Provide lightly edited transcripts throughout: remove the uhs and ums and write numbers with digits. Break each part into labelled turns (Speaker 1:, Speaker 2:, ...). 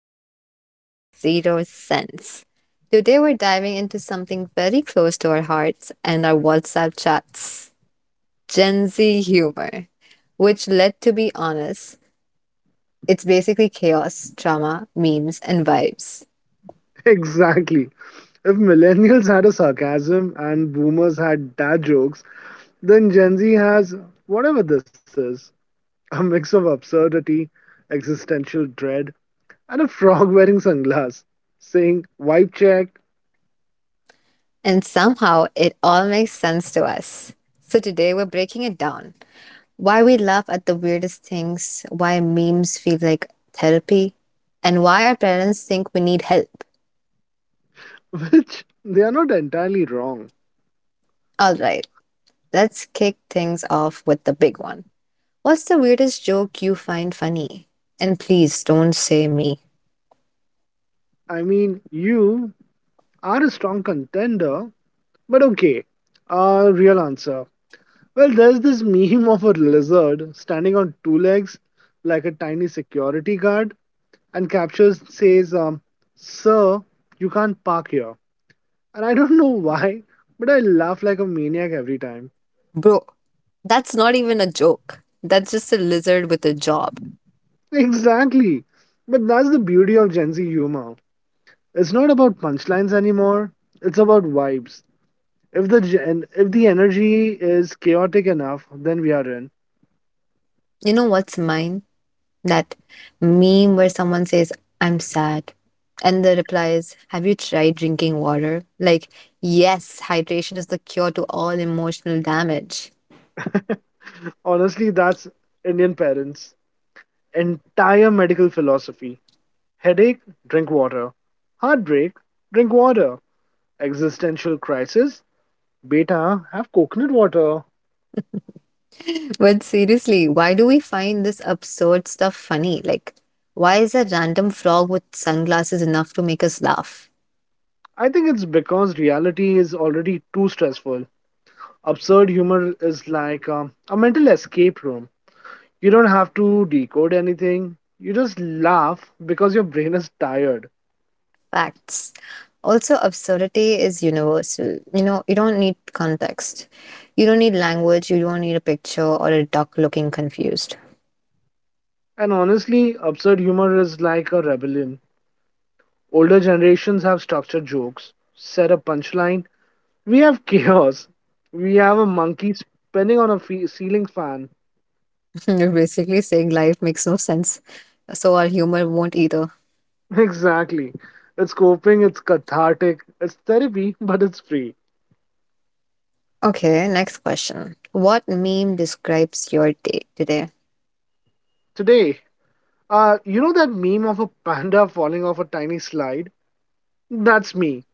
Speaker 1: of Two Brains, Zero Sense. Today we're diving into something very close to our hearts and our WhatsApp chats Gen Z humor, which, let to be honest, it's basically chaos, drama, memes, and vibes.
Speaker 2: Exactly. If millennials had a sarcasm and boomers had dad jokes, then Gen Z has whatever this is, a mix of absurdity, existential dread, and a frog wearing sunglasses saying wipe check,
Speaker 1: And somehow it all makes sense to us. So today we're breaking it down why we laugh at the weirdest things, why memes feel like therapy, and why our parents think we need help.
Speaker 2: which they are not entirely wrong.
Speaker 1: All right, let's kick things off with the big one. What's the weirdest joke you find funny? And please don't say me.
Speaker 2: I mean, you are a strong contender, but okay, a real answer. Well, there's this meme of a lizard standing on two legs like a tiny security guard and captures says, Sir, you can't park here. And I don't know why, but I laugh like a maniac every time.
Speaker 1: Bro, that's not even a joke. That's just a lizard with a job.
Speaker 2: Exactly. But that's the beauty of Gen Z humor. It's not about punchlines anymore, it's about vibes. If the energy is chaotic enough, then we are in.
Speaker 1: You know what's mine? That meme where someone says, I'm sad. And the reply is, have you tried drinking water? Like, yes, hydration is the cure to all emotional damage.
Speaker 2: Honestly, that's Indian parents' entire medical philosophy. Headache, drink water. Heartbreak, drink water. Existential crisis, beta, have coconut water.
Speaker 1: But seriously, why do we find this absurd stuff funny? Like, why is a random frog with sunglasses enough to make us laugh?
Speaker 2: I think it's because reality is already too stressful. Absurd humor is like a mental escape room. You don't have to decode anything. You just laugh because your brain is tired.
Speaker 1: Facts. Also, absurdity is universal. You know, you don't need context. You don't need language. You don't need a picture or a duck looking confused.
Speaker 2: And honestly, absurd humor is like a rebellion. Older generations have structured jokes, set a punchline. We have chaos. We have a monkey spinning on a ceiling fan.
Speaker 1: You're basically saying life makes no sense, so our humor won't either.
Speaker 2: Exactly. It's coping, it's cathartic, it's therapy, but it's free.
Speaker 1: Okay, next question. What meme describes your day today?
Speaker 2: Today, you know that meme of a panda falling off a tiny slide? That's me,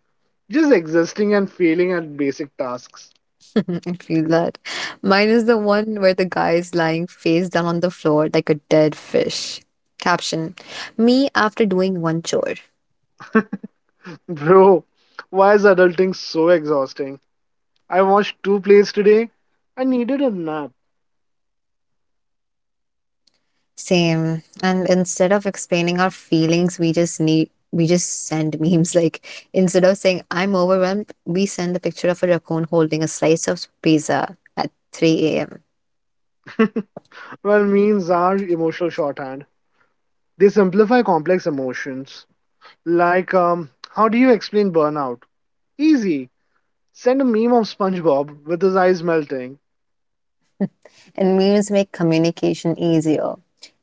Speaker 2: just existing and failing at basic tasks.
Speaker 1: I feel that. Mine is the one where the guy is lying face down on the floor like a dead fish. Caption, me after doing one chore.
Speaker 2: Bro, why is adulting so exhausting? I watched two plays today. I needed a nap.
Speaker 1: Same. And instead of explaining our feelings, we just need. We just send memes like instead of saying I'm overwhelmed, we send the picture of a raccoon holding a slice of pizza at 3 a.m.
Speaker 2: Well, memes are emotional shorthand. They simplify complex emotions. Like, how do you explain burnout? Easy. Send a meme of SpongeBob with his eyes melting.
Speaker 1: And meals make communication easier.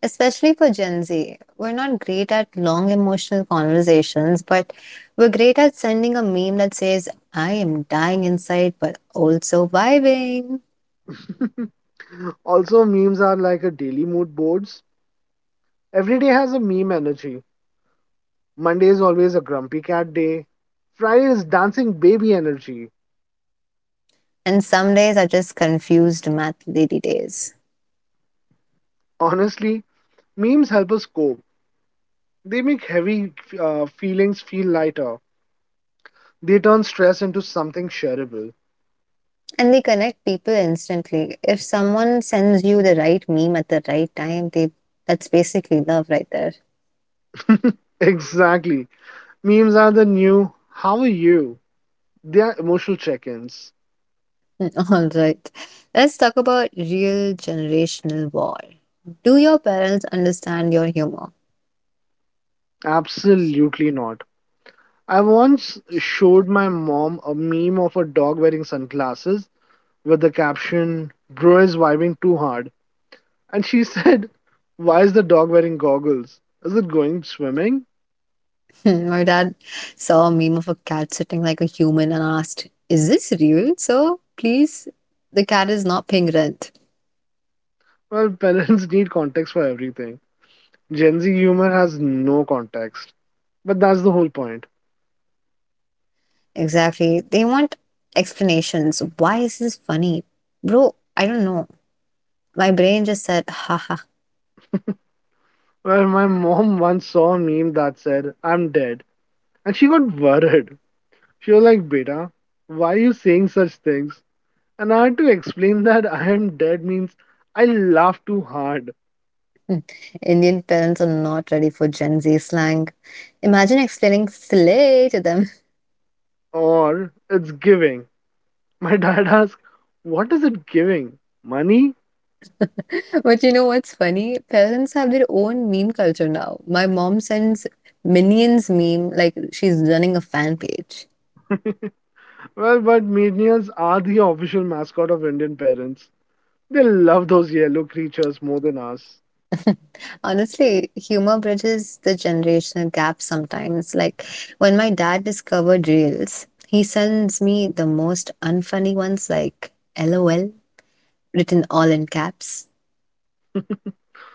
Speaker 1: Especially for Gen Z, we're not great at long emotional conversations, but we're great at sending a meme that says, I am dying inside, but also vibing.
Speaker 2: Also, memes are like a daily mood boards. Every day has a meme energy. Monday is always a grumpy cat day. Friday is dancing baby energy.
Speaker 1: And some days are just confused math lady days.
Speaker 2: Honestly, memes help us cope. They make heavy feelings feel lighter. They turn stress into something shareable.
Speaker 1: And they connect people instantly. If someone sends you the right meme at the right time, they that's basically love right there.
Speaker 2: Exactly. Memes are the new, how are you? They are emotional check ins.
Speaker 1: All right. Let's talk about real generational war. Do your parents understand your humor?
Speaker 2: Absolutely not. I once showed my mom a meme of a dog wearing sunglasses with the caption, Bro is vibing too hard. And she said, Why is the dog wearing goggles? Is it going swimming?
Speaker 1: My dad saw a meme of a cat sitting like a human and asked, is this real? So please, the cat is not paying rent.
Speaker 2: Well, parents need context for everything. Gen Z humor has no context. But that's the whole point.
Speaker 1: Exactly. They want explanations. Why is this funny? Bro, I don't know. My brain just said, haha.
Speaker 2: Well, my mom once saw a meme that said, I'm dead. And she got worried. She was like, Beta, why are you saying such things? And I had to explain that I am dead means I laugh too hard,
Speaker 1: Indian parents are not ready for Gen Z slang. Imagine explaining slay to them.
Speaker 2: or it's giving. My dad asked, What is it giving? Money?
Speaker 1: But you know what's funny? Parents have their own meme culture now. My mom sends Minions meme like she's running a fan page.
Speaker 2: Well, but Menials are the official mascot of Indian parents. They love those yellow creatures more than us.
Speaker 1: Honestly, humor bridges the generational gap sometimes. Like when my dad discovered Reels, he sends me the most unfunny ones like LOL written all in caps.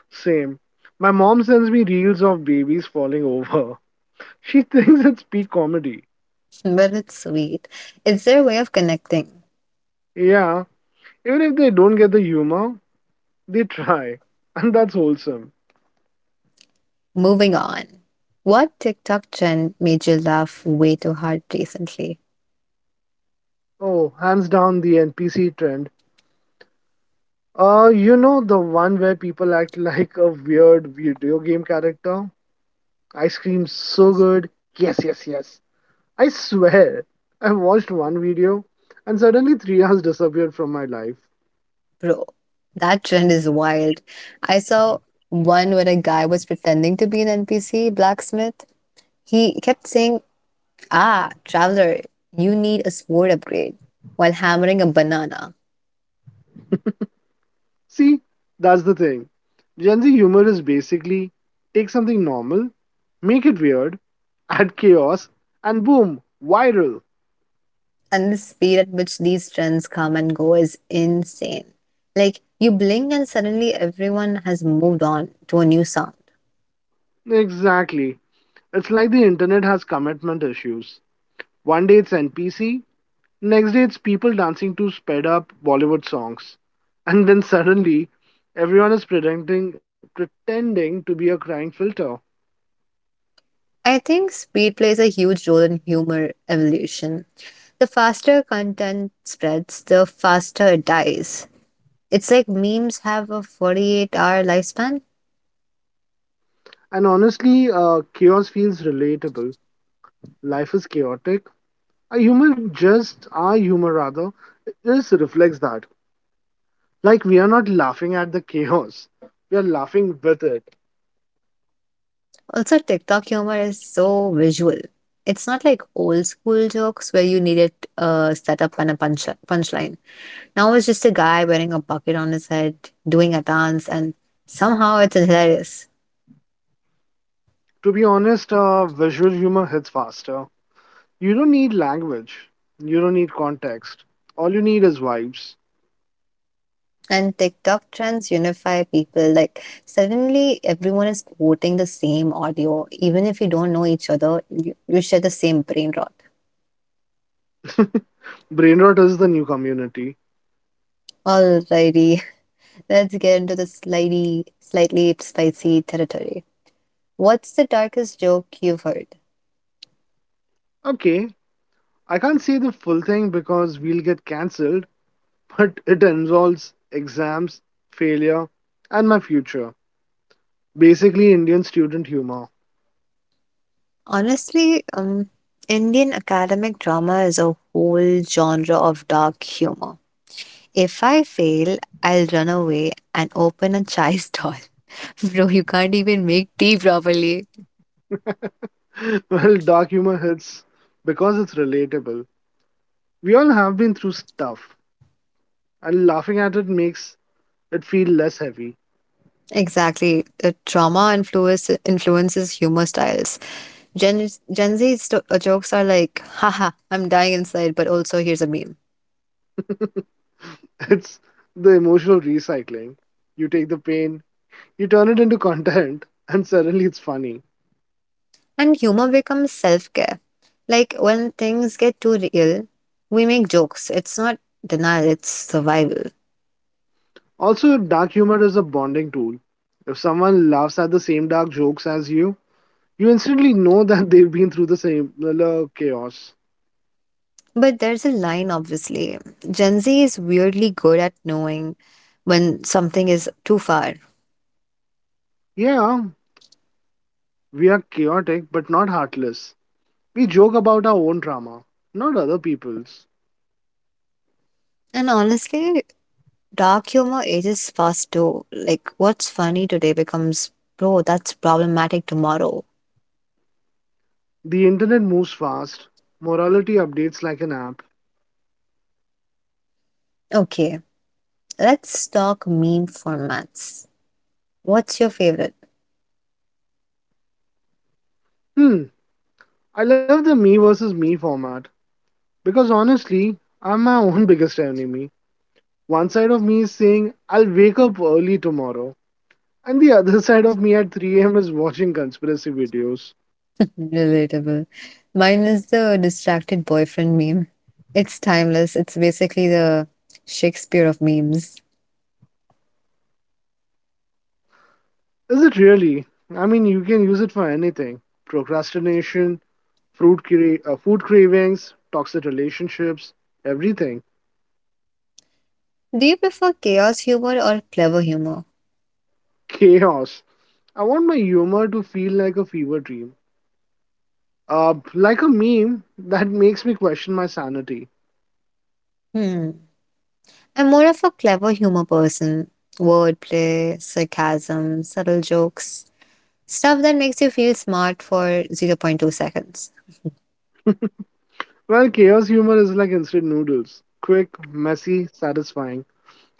Speaker 2: Same. My mom sends me reels of babies falling over. She thinks it's peak comedy.
Speaker 1: But it's sweet. It's their way of connecting.
Speaker 2: Yeah, even if they don't get the humor, they try. And that's wholesome.
Speaker 1: Moving on. What TikTok trend made you laugh way too hard recently?
Speaker 2: Oh, hands down, the NPC trend. You know the one where people act like a weird video game character? I scream so good. Yes, yes, yes. I swear. I watched one video and suddenly three hours disappeared from my life.
Speaker 1: Bro, that trend is wild. I saw one where a guy was pretending to be an NPC blacksmith. He kept saying, ah, traveler, you need a sword upgrade, while hammering a banana.
Speaker 2: See, that's the thing. Gen Z humor is basically, take something normal, make it weird, add chaos, and boom, viral.
Speaker 1: And the speed at which these trends come and go is insane. Like, you blink and suddenly everyone has moved on to a new sound.
Speaker 2: Exactly. It's like the internet has commitment issues. One day it's NPC, next day, it's people dancing to sped up Bollywood songs. And then suddenly, everyone is pretending to be a crying filter.
Speaker 1: I think speed plays a huge role in humor evolution. The faster content spreads, the faster it dies. It's like memes have a 48-hour hour lifespan.
Speaker 2: And honestly, chaos feels relatable. Life is chaotic. Our humor rather, it just reflects that. Like, we are not laughing at the chaos, we are laughing with it.
Speaker 1: Also, TikTok humor is so visual. It's not like old school jokes where you needed a setup and a punchline. Now it's just a guy wearing a bucket on his head, doing a dance, and somehow it's hilarious.
Speaker 2: To be honest, visual humor hits faster. You don't need language, you don't need context. All you need is vibes.
Speaker 1: And TikTok trends unify people. Like, suddenly everyone is quoting the same audio. Even if you don't know each other, you share the same brain rot.
Speaker 2: Brain rot is the new community.
Speaker 1: Alrighty, let's get into the slightly spicy territory. What's the darkest joke you've heard?
Speaker 2: Okay, I can't say the full thing because we'll get cancelled, but it involves exams, failure, and my future. Basically, Indian student humor.
Speaker 1: Honestly, Indian academic drama is a whole genre of dark humor. If I fail, I'll run away and open a chai stall. Bro, you can't even make tea properly.
Speaker 2: Well, dark humor hits because it's relatable. We all have been through stuff, and laughing at it makes it feel less heavy.
Speaker 1: Exactly. The influences humor styles. Gen Z jokes are like, haha, I'm dying inside, but also here's a meme.
Speaker 2: It's the emotional recycling. You take the pain, you turn it into content, and suddenly it's funny.
Speaker 1: And humor becomes self care. Like when things get too real, we make jokes. It's not denial, it's survival.
Speaker 2: Also, dark humor is a bonding tool. If someone laughs at the same dark jokes as you, you instantly know that they've been through the same similar chaos.
Speaker 1: But there's a line, obviously. Gen Z is weirdly good at knowing when something is too far.
Speaker 2: Yeah, we are chaotic but not heartless. We joke about our own drama, not other people's.
Speaker 1: And honestly, dark humor ages fast too. Like what's funny today becomes, bro, that's problematic tomorrow.
Speaker 2: The internet moves fast. Morality updates like an app.
Speaker 1: Okay, let's talk meme formats. What's your favorite?
Speaker 2: Hmm, I love the me versus me format because honestly, I'm my own biggest enemy. One side of me is saying, I'll wake up early tomorrow, and the other side of me at 3 a.m. is watching conspiracy videos.
Speaker 1: Relatable. Mine is the distracted boyfriend meme. It's timeless. It's basically the Shakespeare of memes.
Speaker 2: Is it really? I mean, you can use it for anything: procrastination, food cravings, toxic relationships, everything.
Speaker 1: Do you prefer chaos humor or clever humor?
Speaker 2: Chaos. I want my humor to feel like a fever dream, like a meme that makes me question my sanity.
Speaker 1: Hmm. I'm more of a clever humor person. Wordplay, sarcasm, subtle jokes, stuff that makes you feel smart for zero point 0.2 seconds.
Speaker 2: Well, chaos humor is like instant noodles: quick, messy, satisfying.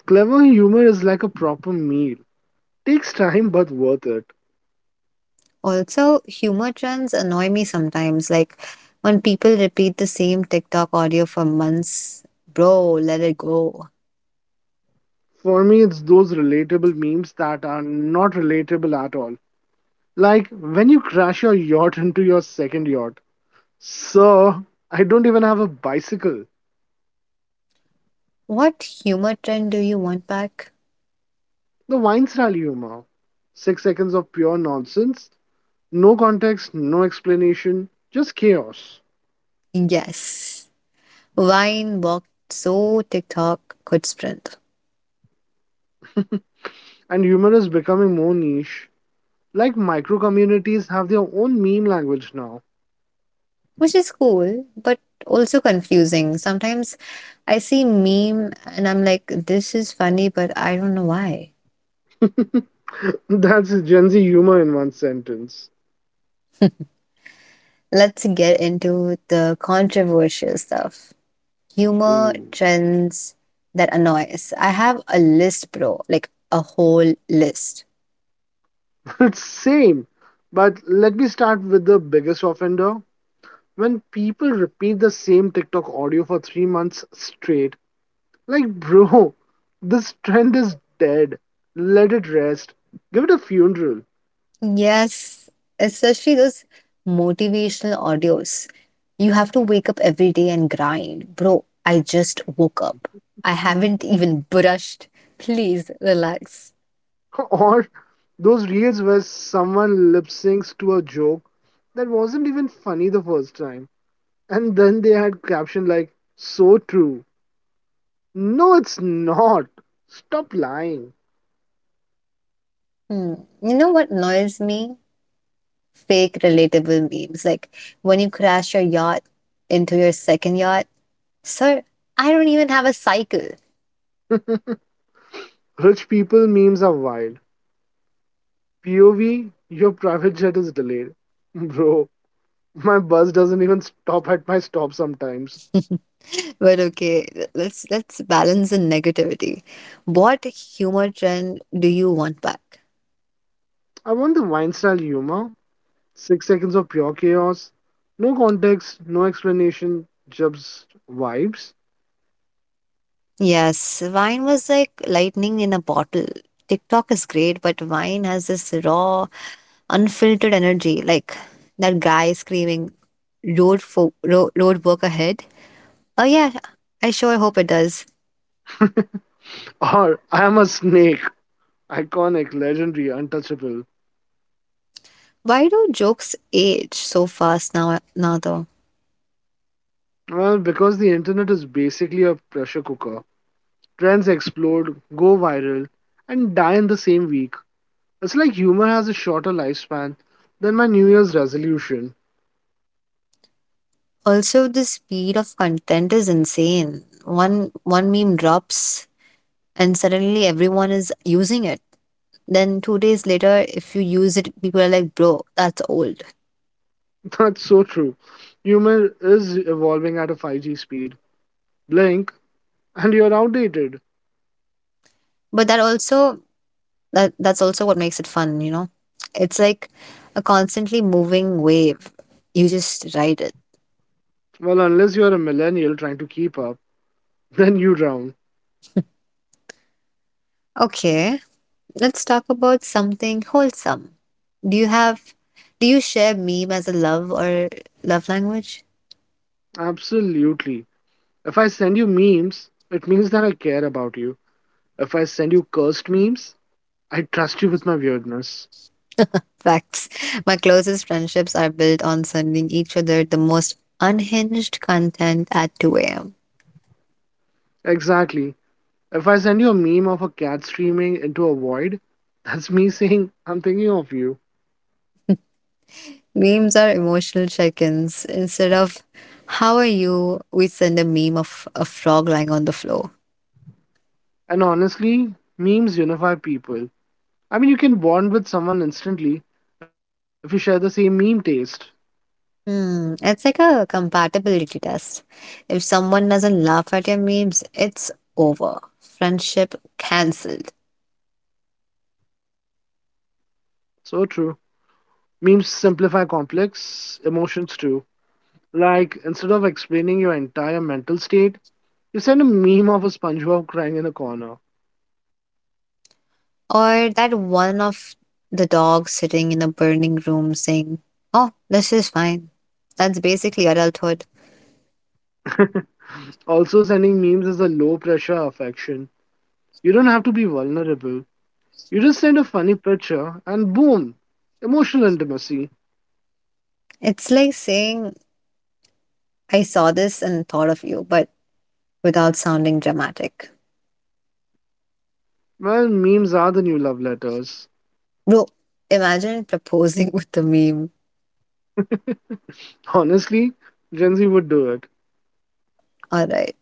Speaker 2: Clever humor is like a proper meal. Takes time but worth it.
Speaker 1: Also, humor trends annoy me sometimes, like when people repeat the same TikTok audio for months. Bro, let it go.
Speaker 2: For me, it's those relatable memes that are not relatable at all. Like when you crash your yacht into your second yacht. Sir, I don't even have a bicycle.
Speaker 1: What humor trend do you want back?
Speaker 2: The Weinstein humor. 6 seconds of pure nonsense. No context, no explanation, just chaos.
Speaker 1: Yes. Vine walked so TikTok could sprint,
Speaker 2: And humor is becoming more niche. Like micro communities have their own meme language now.
Speaker 1: which is cool, but also confusing. Sometimes I see meme and I'm like, this is funny, but I don't know why.
Speaker 2: That's Gen Z humor in one sentence.
Speaker 1: Let's get into the controversial stuff. Humor
Speaker 2: Ooh.
Speaker 1: trends that annoy us. I have a list, bro, like a whole list.
Speaker 2: Same. But let me start with the biggest offender. When people repeat the same TikTok audio for 3 months straight, like, bro, this trend is dead. Let it rest. Give it a funeral.
Speaker 1: Yes, especially those motivational audios. You have to wake up every day and grind. Bro, I just woke up. I haven't even brushed. Please relax.
Speaker 2: Or those reels where someone lip syncs to a joke that wasn't even funny the first time. And then they had caption like, so true. No, it's not. Stop lying.
Speaker 1: Hmm. You know what annoys me? Fake relatable memes. Like when you crash your yacht into your second yacht. Sir, I don't even have a cycle.
Speaker 2: Rich people memes are wild. POV, your private jet is delayed. Bro, my bus doesn't even stop at my stop sometimes.
Speaker 1: But okay, let's balance the negativity. What humor trend do you want back?
Speaker 2: I want the Weinstein humor. 6 seconds of pure chaos. No context, no explanation, just vibes.
Speaker 1: Yes, wine was like lightning in a bottle. TikTok is great, but wine has this raw, unfiltered energy. Like that guy screaming, road work ahead. Oh, yeah, I sure hope it does.
Speaker 2: Or I am a snake. Iconic, legendary, untouchable.
Speaker 1: Why do jokes age so fast now though?
Speaker 2: Well, because the internet is basically a pressure cooker. Trends explode, go viral, and die in the same week. It's like humor has a shorter lifespan than my New Year's resolution.
Speaker 1: Also, the speed of content is insane. One meme drops, and suddenly everyone is using it. Then two days later, if you use it, people are like, bro, that's old.
Speaker 2: That's so true. Humor is evolving at a 5G speed. Blink, and you're outdated.
Speaker 1: But that's also what makes it fun, you know. It's like a constantly moving wave, you just ride it.
Speaker 2: Well, unless you're a millennial trying to keep up, then you drown.
Speaker 1: Okay, let's talk about something wholesome. do you have do you share meme as a love language?
Speaker 2: Absolutely. If I send you memes, it means that I care about you. If I send you cursed memes, I trust you with my weirdness.
Speaker 1: Facts. My closest friendships are built on sending each other the most unhinged content at 2 a.m.
Speaker 2: Exactly. If I send you a meme of a cat streaming into a void, that's me saying I'm thinking of you.
Speaker 1: Memes are emotional check-ins. Instead of how are you, we send a meme of a frog lying on the floor.
Speaker 2: And honestly, memes unify people. I mean, you can bond with someone instantly if you share the same meme taste.
Speaker 1: Hmm, it's like a compatibility test. If someone doesn't laugh at your memes, it's over. Friendship cancelled.
Speaker 2: So true. Memes simplify complex emotions too. Like, instead of explaining your entire mental state, you send a meme of a SpongeBob crying in a corner.
Speaker 1: Or that one of the dogs sitting in a burning room saying, oh, this is fine. That's basically adulthood.
Speaker 2: Also, sending memes is a low pressure affection. You don't have to be vulnerable. You just send a funny picture and boom, emotional intimacy.
Speaker 1: It's like saying, I saw this and thought of you, but without sounding dramatic.
Speaker 2: Well, memes are the new love letters.
Speaker 1: Bro, imagine proposing with the meme.
Speaker 2: Honestly, Gen Z would do it,
Speaker 1: Alright.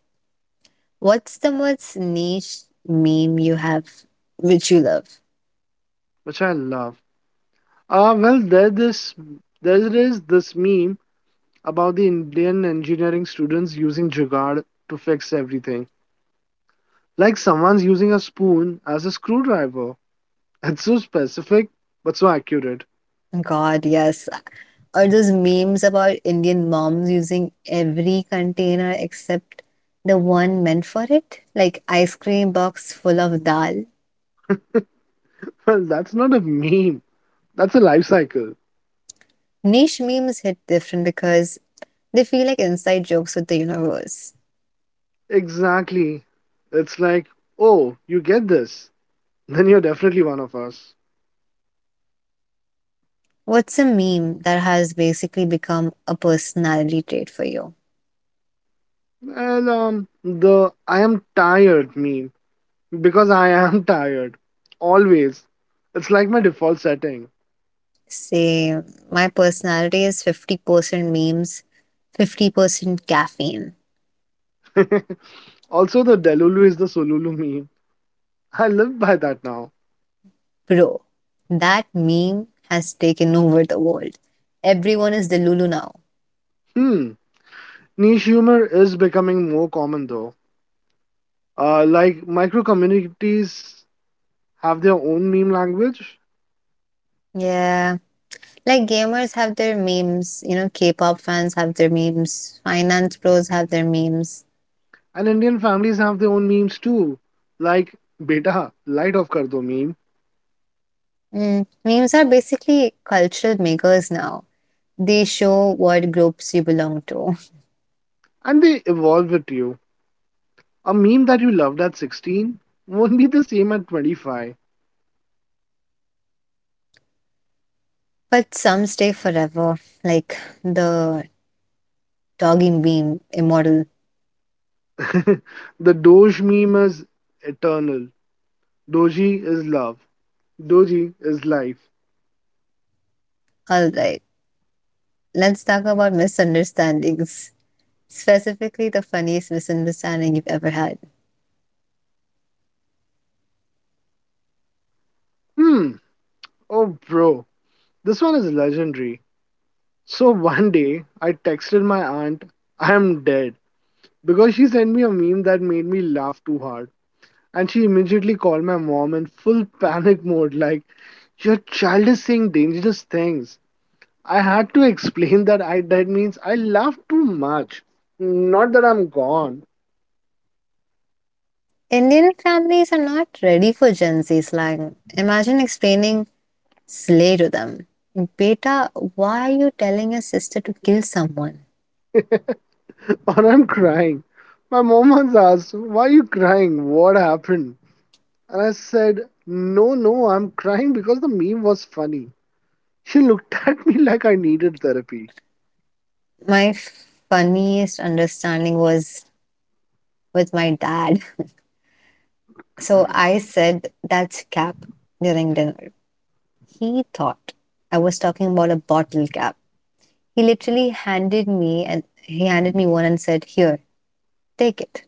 Speaker 1: What's the most niche meme you have which you love?
Speaker 2: which I love. Uh, well, there this there is this meme about the Indian engineering students using Jugaad to fix everything. Like someone's using a spoon as a screwdriver. It's so specific, but so accurate.
Speaker 1: God, yes. Or those memes about Indian moms using every container except the one meant for it, like ice cream box full of dal.
Speaker 2: Well, that's not a meme. That's a life cycle.
Speaker 1: Niche memes hit different because they feel like inside jokes with the universe.
Speaker 2: Exactly. It's like, oh, you get this. Then you're definitely one of us.
Speaker 1: What's a meme that has basically become a personality trait for you?
Speaker 2: Well, the I am tired meme. Because I am tired. Always. It's like my default setting.
Speaker 1: Say, my personality is 50% memes, 50% caffeine.
Speaker 2: Also, the Delulu is the Sululu meme. I live by that now.
Speaker 1: Bro, that meme has taken over the world. Everyone is the Lulu now.
Speaker 2: Hmm. Niche humor is becoming more common though. Like micro communities have their own meme language,
Speaker 1: Yeah, like gamers have their memes, you know, K-pop fans have their memes, finance pros have their memes.
Speaker 2: and Indian families have their own memes too. Like beta, light off kar do meme,
Speaker 1: Mm, memes are basically cultural makers now. They show what groups you belong to.
Speaker 2: and they evolve with you. A meme that you loved at 16 won't be the same at 25.
Speaker 1: But some stay forever, like the dogging meme immortal.
Speaker 2: The Doge meme is eternal. Doji is love. Doji is life.
Speaker 1: Alright, let's talk about misunderstandings. Specifically, the funniest misunderstanding you've ever had.
Speaker 2: Hmm. Oh, bro, this one is legendary. So one day, I texted my aunt, I am dead, because she sent me a meme that made me laugh too hard. And she immediately called my mom in full panic mode, like, Your child is saying dangerous things. I had to explain that I dead means I laughed too much. Not that I'm gone.
Speaker 1: Indian families are not ready for Gen Z slang. Imagine explaining slay to them. Beta, why are you telling your sister to kill someone?
Speaker 2: Or I'm crying. My mom once asked, Why are you crying? What happened? And I said, No, no, I'm crying because the meme was funny. She looked at me like I needed therapy.
Speaker 1: My funniest understanding was with my dad. So I said that's cap during dinner. He thought I was talking about a bottle cap. He handed me one and said, "Here, take it."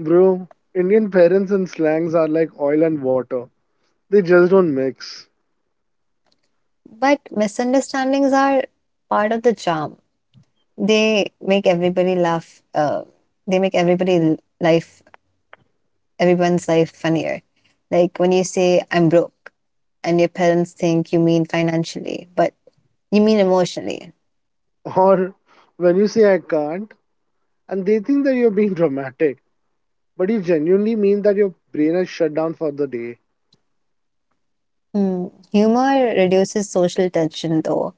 Speaker 2: Bro, Indian parents and slangs are like oil and water. They just don't mix.
Speaker 1: But misunderstandings are part of the charm. They make everybody laugh. They make everyone's life funnier. Like when you say I'm broke, and your parents think you mean financially, but you mean emotionally.
Speaker 2: Or when you say I can't, and they think that you're being dramatic, but you genuinely mean that your brain has shut down for the day.
Speaker 1: Hmm. Humor reduces social tension, though.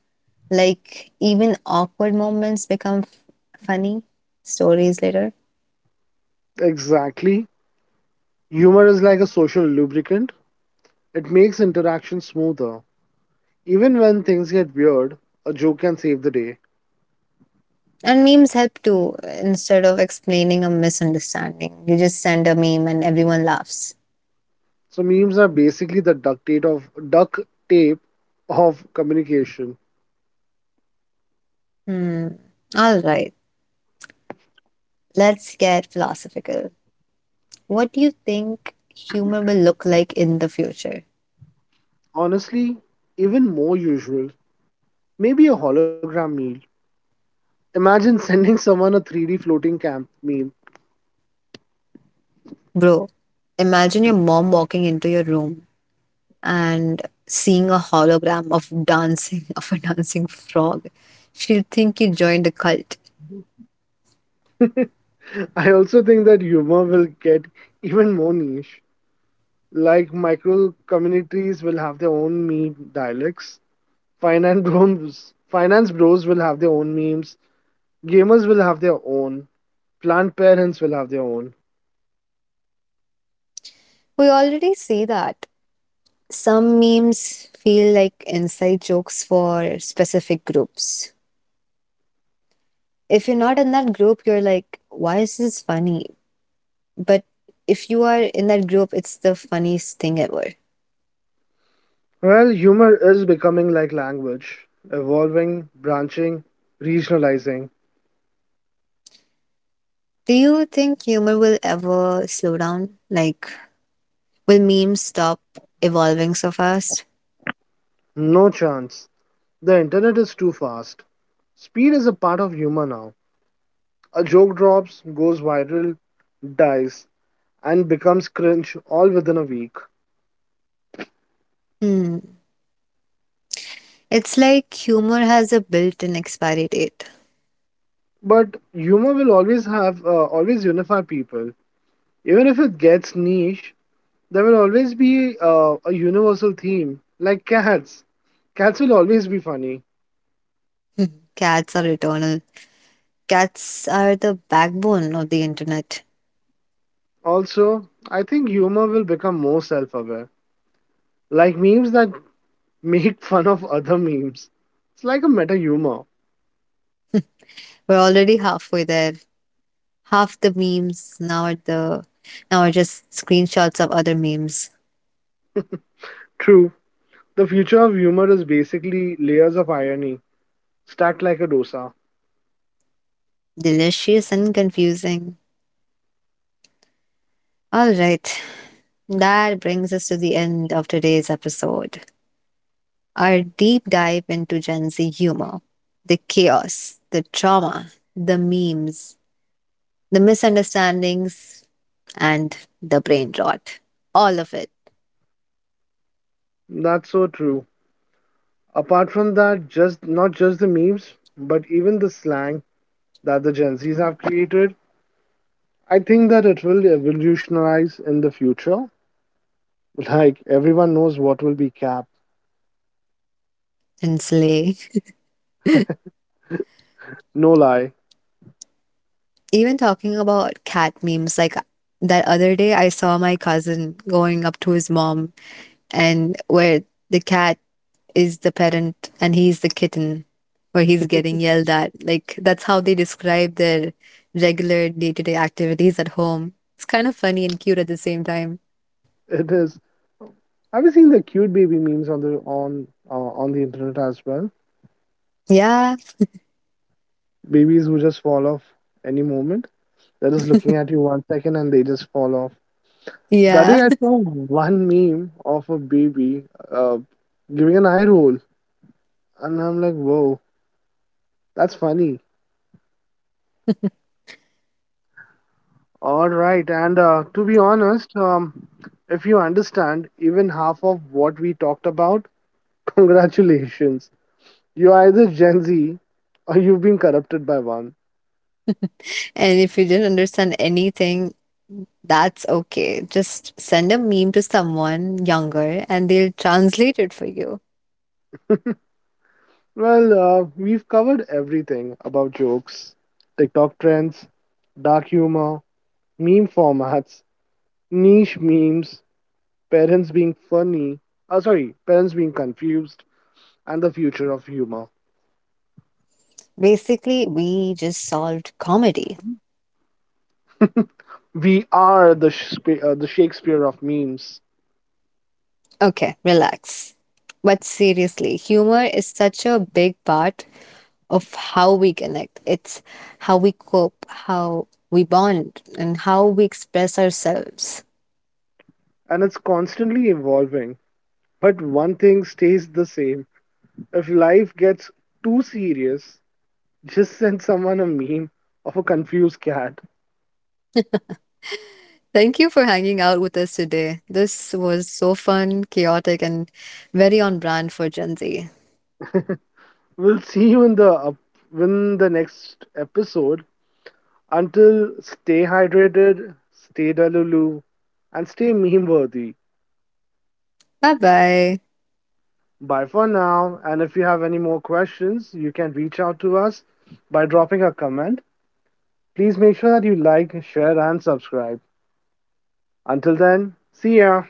Speaker 1: Like even awkward moments become funny stories later.
Speaker 2: Exactly. Humor is like a social lubricant, it makes interaction smoother. Even when things get weird, a joke can save the day.
Speaker 1: And memes help too. Instead of explaining a misunderstanding, you just send a meme and everyone laughs.
Speaker 2: So memes are basically the duct tape of communication.
Speaker 1: Hmm. All right. Let's get philosophical. What do you think humor will look like in the future?
Speaker 2: Honestly, even more usual. Maybe a hologram meal. Imagine sending someone a 3D floating camp meme.
Speaker 1: Bro, imagine your mom walking into your room and seeing a hologram of dancing of a dancing frog. She'll think you joined a cult.
Speaker 2: I also think that humor will get even more niche. Like micro communities will have their own meme dialects. Finance bros will have their own memes. Gamers will have their own. Plant parents will have their own.
Speaker 1: We already see that. Some memes feel like inside jokes for specific groups. If you're not in that group, you're like, why is this funny? But if you are in that group, it's the funniest thing ever.
Speaker 2: Well, humor is becoming like language, evolving, branching, regionalizing.
Speaker 1: Do you think humor will ever slow down? Like, will memes stop evolving so fast?
Speaker 2: No chance. The internet is too fast. Speed is a part of humor now. A joke drops, goes viral, dies, and becomes cringe all within a week.
Speaker 1: Hmm. It's like humor has a built in expiry date.
Speaker 2: But humor will always have, always unify people. Even if it gets niche, there will always be a universal theme, like cats. Cats will always be funny.
Speaker 1: Hmm. Cats are eternal. Cats are the backbone of the internet.
Speaker 2: Also, I think humor will become more self aware, like memes that make fun of other memes. It's like a meta humor.
Speaker 1: We're already halfway there. Half the memes now are just screenshots of other memes.
Speaker 2: True. The future of humor is basically layers of irony stacked like a dosa.
Speaker 1: Delicious and confusing. All right. That brings us to the end of today's episode, our deep dive into Gen Z humor, the chaos, the trauma, the memes, the misunderstandings, and the brain rot. All of it.
Speaker 2: That's so true. Apart from that, just not just the memes, but even the slang that the Gen Zs have created, I think that it will revolutionize in the future. Like everyone knows what will be cap.
Speaker 1: And slay.
Speaker 2: No lie,
Speaker 1: Even talking about cat memes, like that other day, I saw my cousin going up to his mom, and where the cat is the parent and he's the kitten, where he's getting yelled at. Like that's how they describe their regular day to day activities at home. It's kind of funny and cute at the same time.
Speaker 2: it is. Have you seen the cute baby memes on the internet as well?
Speaker 1: Yeah,
Speaker 2: Babies who just fall off any moment. They're just looking at you one second and they just fall off. That
Speaker 1: yeah.
Speaker 2: day I saw one meme of a baby uh, giving an eye roll, and I'm like, whoa, that's funny. All right, and to be honest, if you understand even half of what we talked about, congratulations. You're either Gen Z or you've been corrupted by one.
Speaker 1: And if you didn't understand anything, that's okay. Just send a meme to someone younger and they'll translate it for you.
Speaker 2: Well, we've covered everything about jokes, TikTok trends, dark humor, meme formats, niche memes, parents being funny, sorry, parents being confused, and the future of humor.
Speaker 1: Basically, we just solved comedy.
Speaker 2: We are the the Shakespeare of memes,
Speaker 1: Okay, relax. But seriously, humor is such a big part of how we connect. It's how we cope, how we bond, and how we express ourselves.
Speaker 2: and it's constantly evolving. But one thing stays the same: if life gets too serious, just send someone a meme of a confused cat.
Speaker 1: Thank you for hanging out with us today. This was so fun, chaotic, and very on brand for Gen Z.
Speaker 2: We'll see you in the up in the next episode. Until, stay hydrated, stay delulu, and stay meme worthy.
Speaker 1: Bye bye.
Speaker 2: Bye for now. And if you have any more questions, you can reach out to us by dropping a comment. Please make sure that you like, share, and subscribe. Until then, see ya.